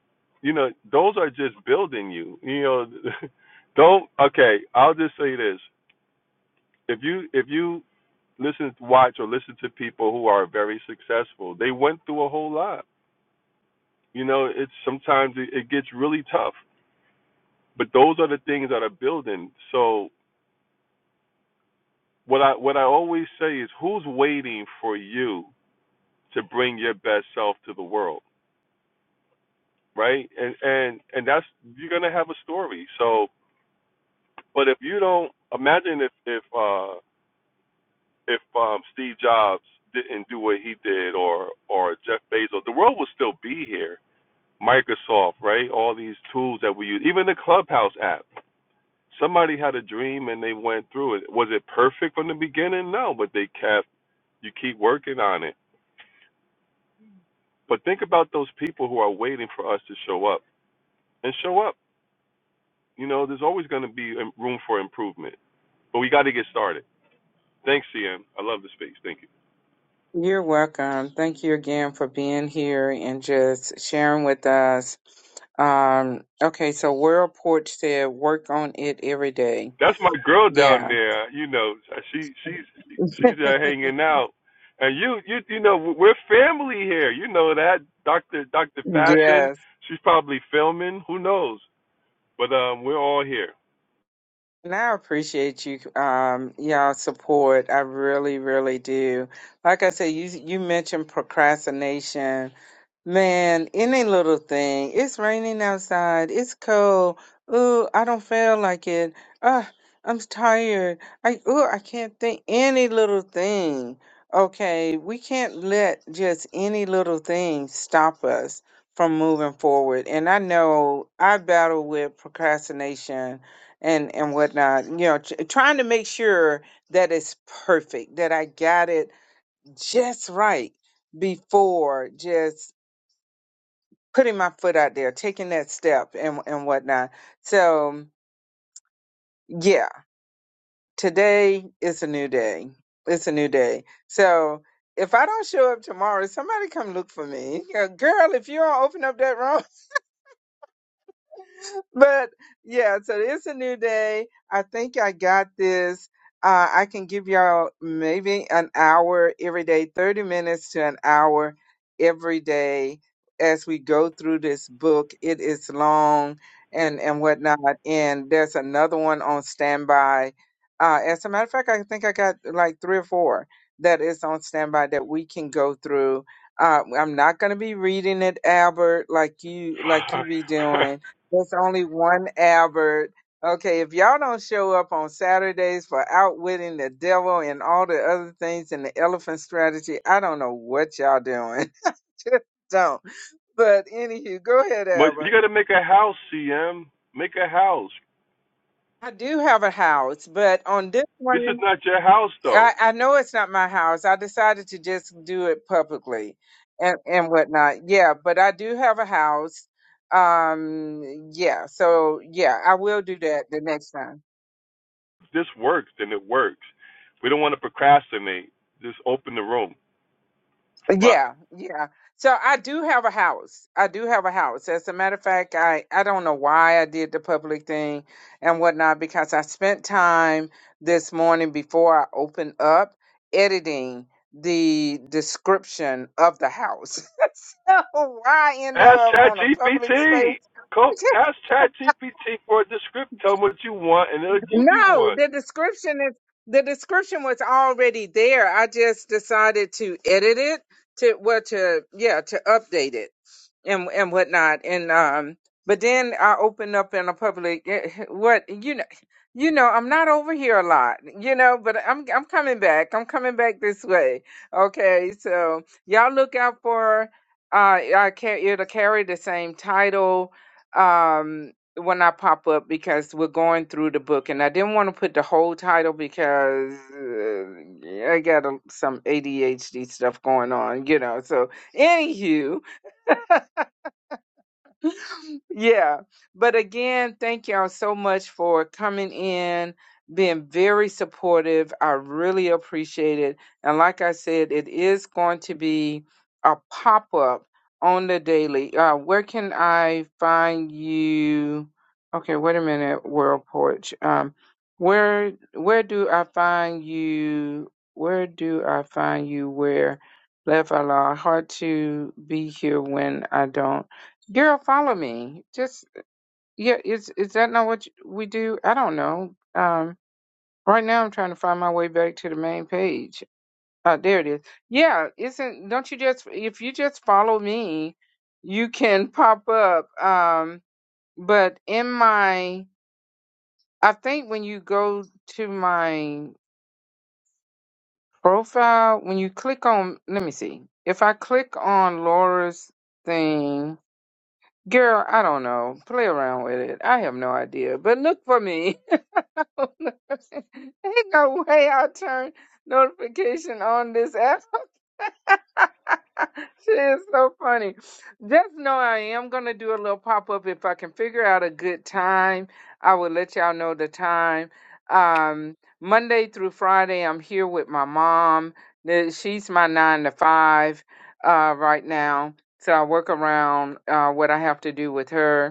F: You know, those are just building you. You know, don't okay, I'll just say this. If you if you listen watch or listen to people who are very successful, they went through a whole lot. You know, it's sometimes it, it gets really tough, but those are the things that are building. So what I what I always say is who's waiting for you to bring your best self to the world, right? And and and that's you're going to have a story. So But if you don't imagine if if uh, if um, Steve Jobs didn't do what he did, or or Jeff Bezos, the world would still be here. Microsoft, right? All these tools that we use, even the Clubhouse app. Somebody had a dream and they went through it. Was it perfect from the beginning? No, but they kept. You keep working on it. But think about those people who are waiting for us to show up and show up. You know, there's always going to be um, room for improvement, but we got to get started. Thanks, CM. I love the space. Thank you.
A: You're welcome. Thank you again for being here and just sharing with us. Um, okay, so World Porch said work on it every day.
F: that's my girl down
A: Yeah.
F: there. You know, she she's she's there hanging out, and you you you know we're family here. You know that Doctor Doctor Fashion.
A: Yes.
F: She's probably filming. Who knows? But um, we're all here.
A: And I appreciate you um y'all support. I really, really do. Like I said, you you mentioned procrastination Man, any little thing. It's raining outside. It's cold. Ooh, I don't feel like it. Ah, I'm tired. I ooh, I can't think any little thing. Okay, we can't let just any little thing stop us from moving forward. And I know I battle with procrastination and and whatnot. You know, tr trying to make sure that it's perfect, that I got it just right before just putting my foot out there, taking that step and and whatnot. So yeah, today is a new day. It's a new day. So if I don't show up tomorrow, somebody come look for me. Yeah, Girl, if you don't open up that room, but yeah, so it's a new day. I think I got this. Uh, I can give y'all maybe an hour every day, 30 minutes to an hour every day as we go through this book. It is long and, and whatnot. And there's another one on standby. Uh, as a matter of fact, I think I got like three or four that is on standby that we can go through. Uh, I'm not going to be reading it, Albert, like you like you be doing there's only one Albert. Okay, if y'all don't show up on Saturdays for outwitting the devil and all the other things in the elephant strategy, I don't know what y'all doing. Just don't. But anywho, go ahead,
F: but you
A: Albert.
F: got to make a house, CM. Make a house.
A: I do have a house, but on this one,
F: This is not your house though.
A: I, I know it's not my house. I decided to just do it publicly and, and whatnot. Yeah, but I do have a house. Um, yeah, so yeah, I will do that the next time.
F: If this works, then it works. We don't want to procrastinate. Just open the room. but.
A: Yeah, yeah. So I do have a house. I do have a house. As a matter of fact, I I don't know why I did the public thing and whatnot because I spent time this morning before I opened up editing the description of the house. so why end
F: Ask
A: up on a public
F: ChatGPT.
A: space?
F: Go ask ChatGPT for a description. Tell them what you want, and it'll give you
A: No,
F: one.
A: the description is the description was already there. I just decided to edit it to well to yeah to update it and and whatnot. And um, but then I opened up in a public eh, what you know. You know, I'm not over here a lot, you know, but I'm I'm coming back. I'm coming back this way. Okay, so y'all look out for uh I ca- it'll carry the same title. Um when I pop up because we're going through the book, and I didn't want to put the whole title because uh, I got a, some ADHD stuff going on, you know. So, anywho, yeah. But again, thank y'all so much for coming in, being very supportive. I really appreciate it. And like I said, it is going to be a pop up on the daily. Uh, where can I find you? Okay, wait a minute, World Porch. Um, where where do I find you? Where do I find you? Where left I lost? Hard to be here when I don't. Girl, follow me. Just yeah, is is that not what you- we do? I don't know. Um, right now I'm trying to find my way back to the main page. Uh, there it is. Yeah, isn't don't you just if you just follow me, you can pop up. Um, but in my I think when you go to my profile, when you click on let me see. If I click on Laura's thing, Girl, I don't know. Play around with it. I have no idea. But look for me. Ain't no way i turn notification on this app. she is so funny. Just know I am gonna do a little pop up if I can figure out a good time. I will let y'all know the time. Um, Monday through Friday, I'm here with my mom. The- She's my nine to five uh, right now, so I work around uh, what I have to do with her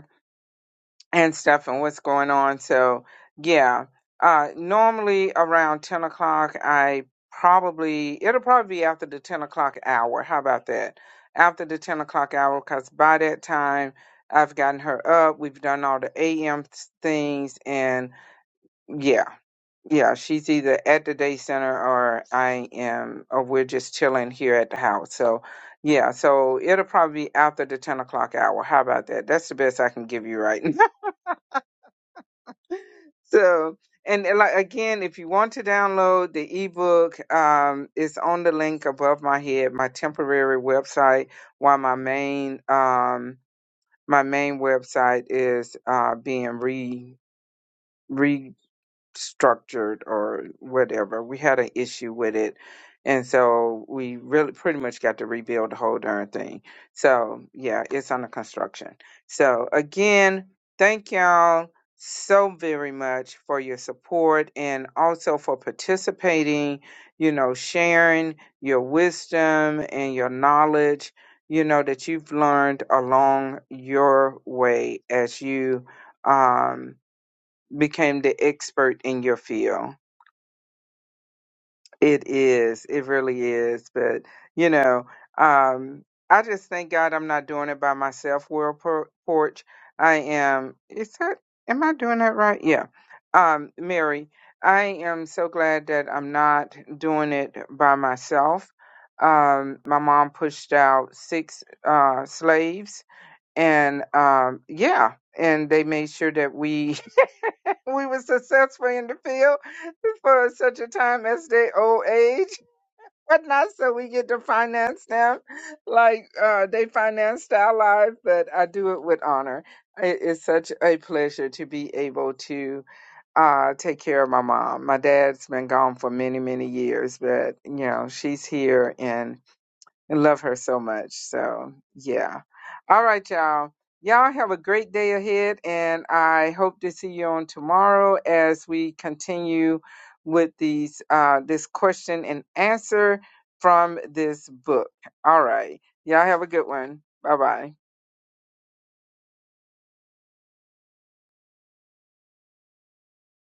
A: and stuff and what's going on. So yeah, uh, normally around ten o'clock, I probably it'll probably be after the ten o'clock hour. How about that? After the ten o'clock hour, because by that time I've gotten her up. We've done all the AM things, and yeah, yeah, she's either at the day center or I am, or we're just chilling here at the house. So. Yeah, so it'll probably be after the 10 o'clock hour. How about that? That's the best I can give you right So, and uh, like again, if you want to download the ebook, um, it's on the link above my head, my temporary website, while my main um my main website is uh being re structured or whatever. We had an issue with it. And so we really pretty much got to rebuild the whole darn thing. So yeah, it's under construction. So again, thank y'all so very much for your support and also for participating, you know, sharing your wisdom and your knowledge, you know, that you've learned along your way as you um became the expert in your field. It is. It really is. But, you know, um, I just thank God I'm not doing it by myself, World Por- Porch. I am, is that, am I doing that right? Yeah. Um, Mary, I am so glad that I'm not doing it by myself. Um, my mom pushed out six uh, slaves, and um, yeah, and they made sure that we we were successful in the field for such a time as their old age. But not so we get to finance them like uh, they financed our lives, but I do it with honor. It is such a pleasure to be able to uh, take care of my mom. My dad's been gone for many, many years, but you know, she's here and and love her so much. So, yeah. All right, y'all. Y'all have a great day ahead, and I hope to see you on tomorrow as we continue with these uh, this question and answer from this book. All right. Y'all have a good one. Bye bye.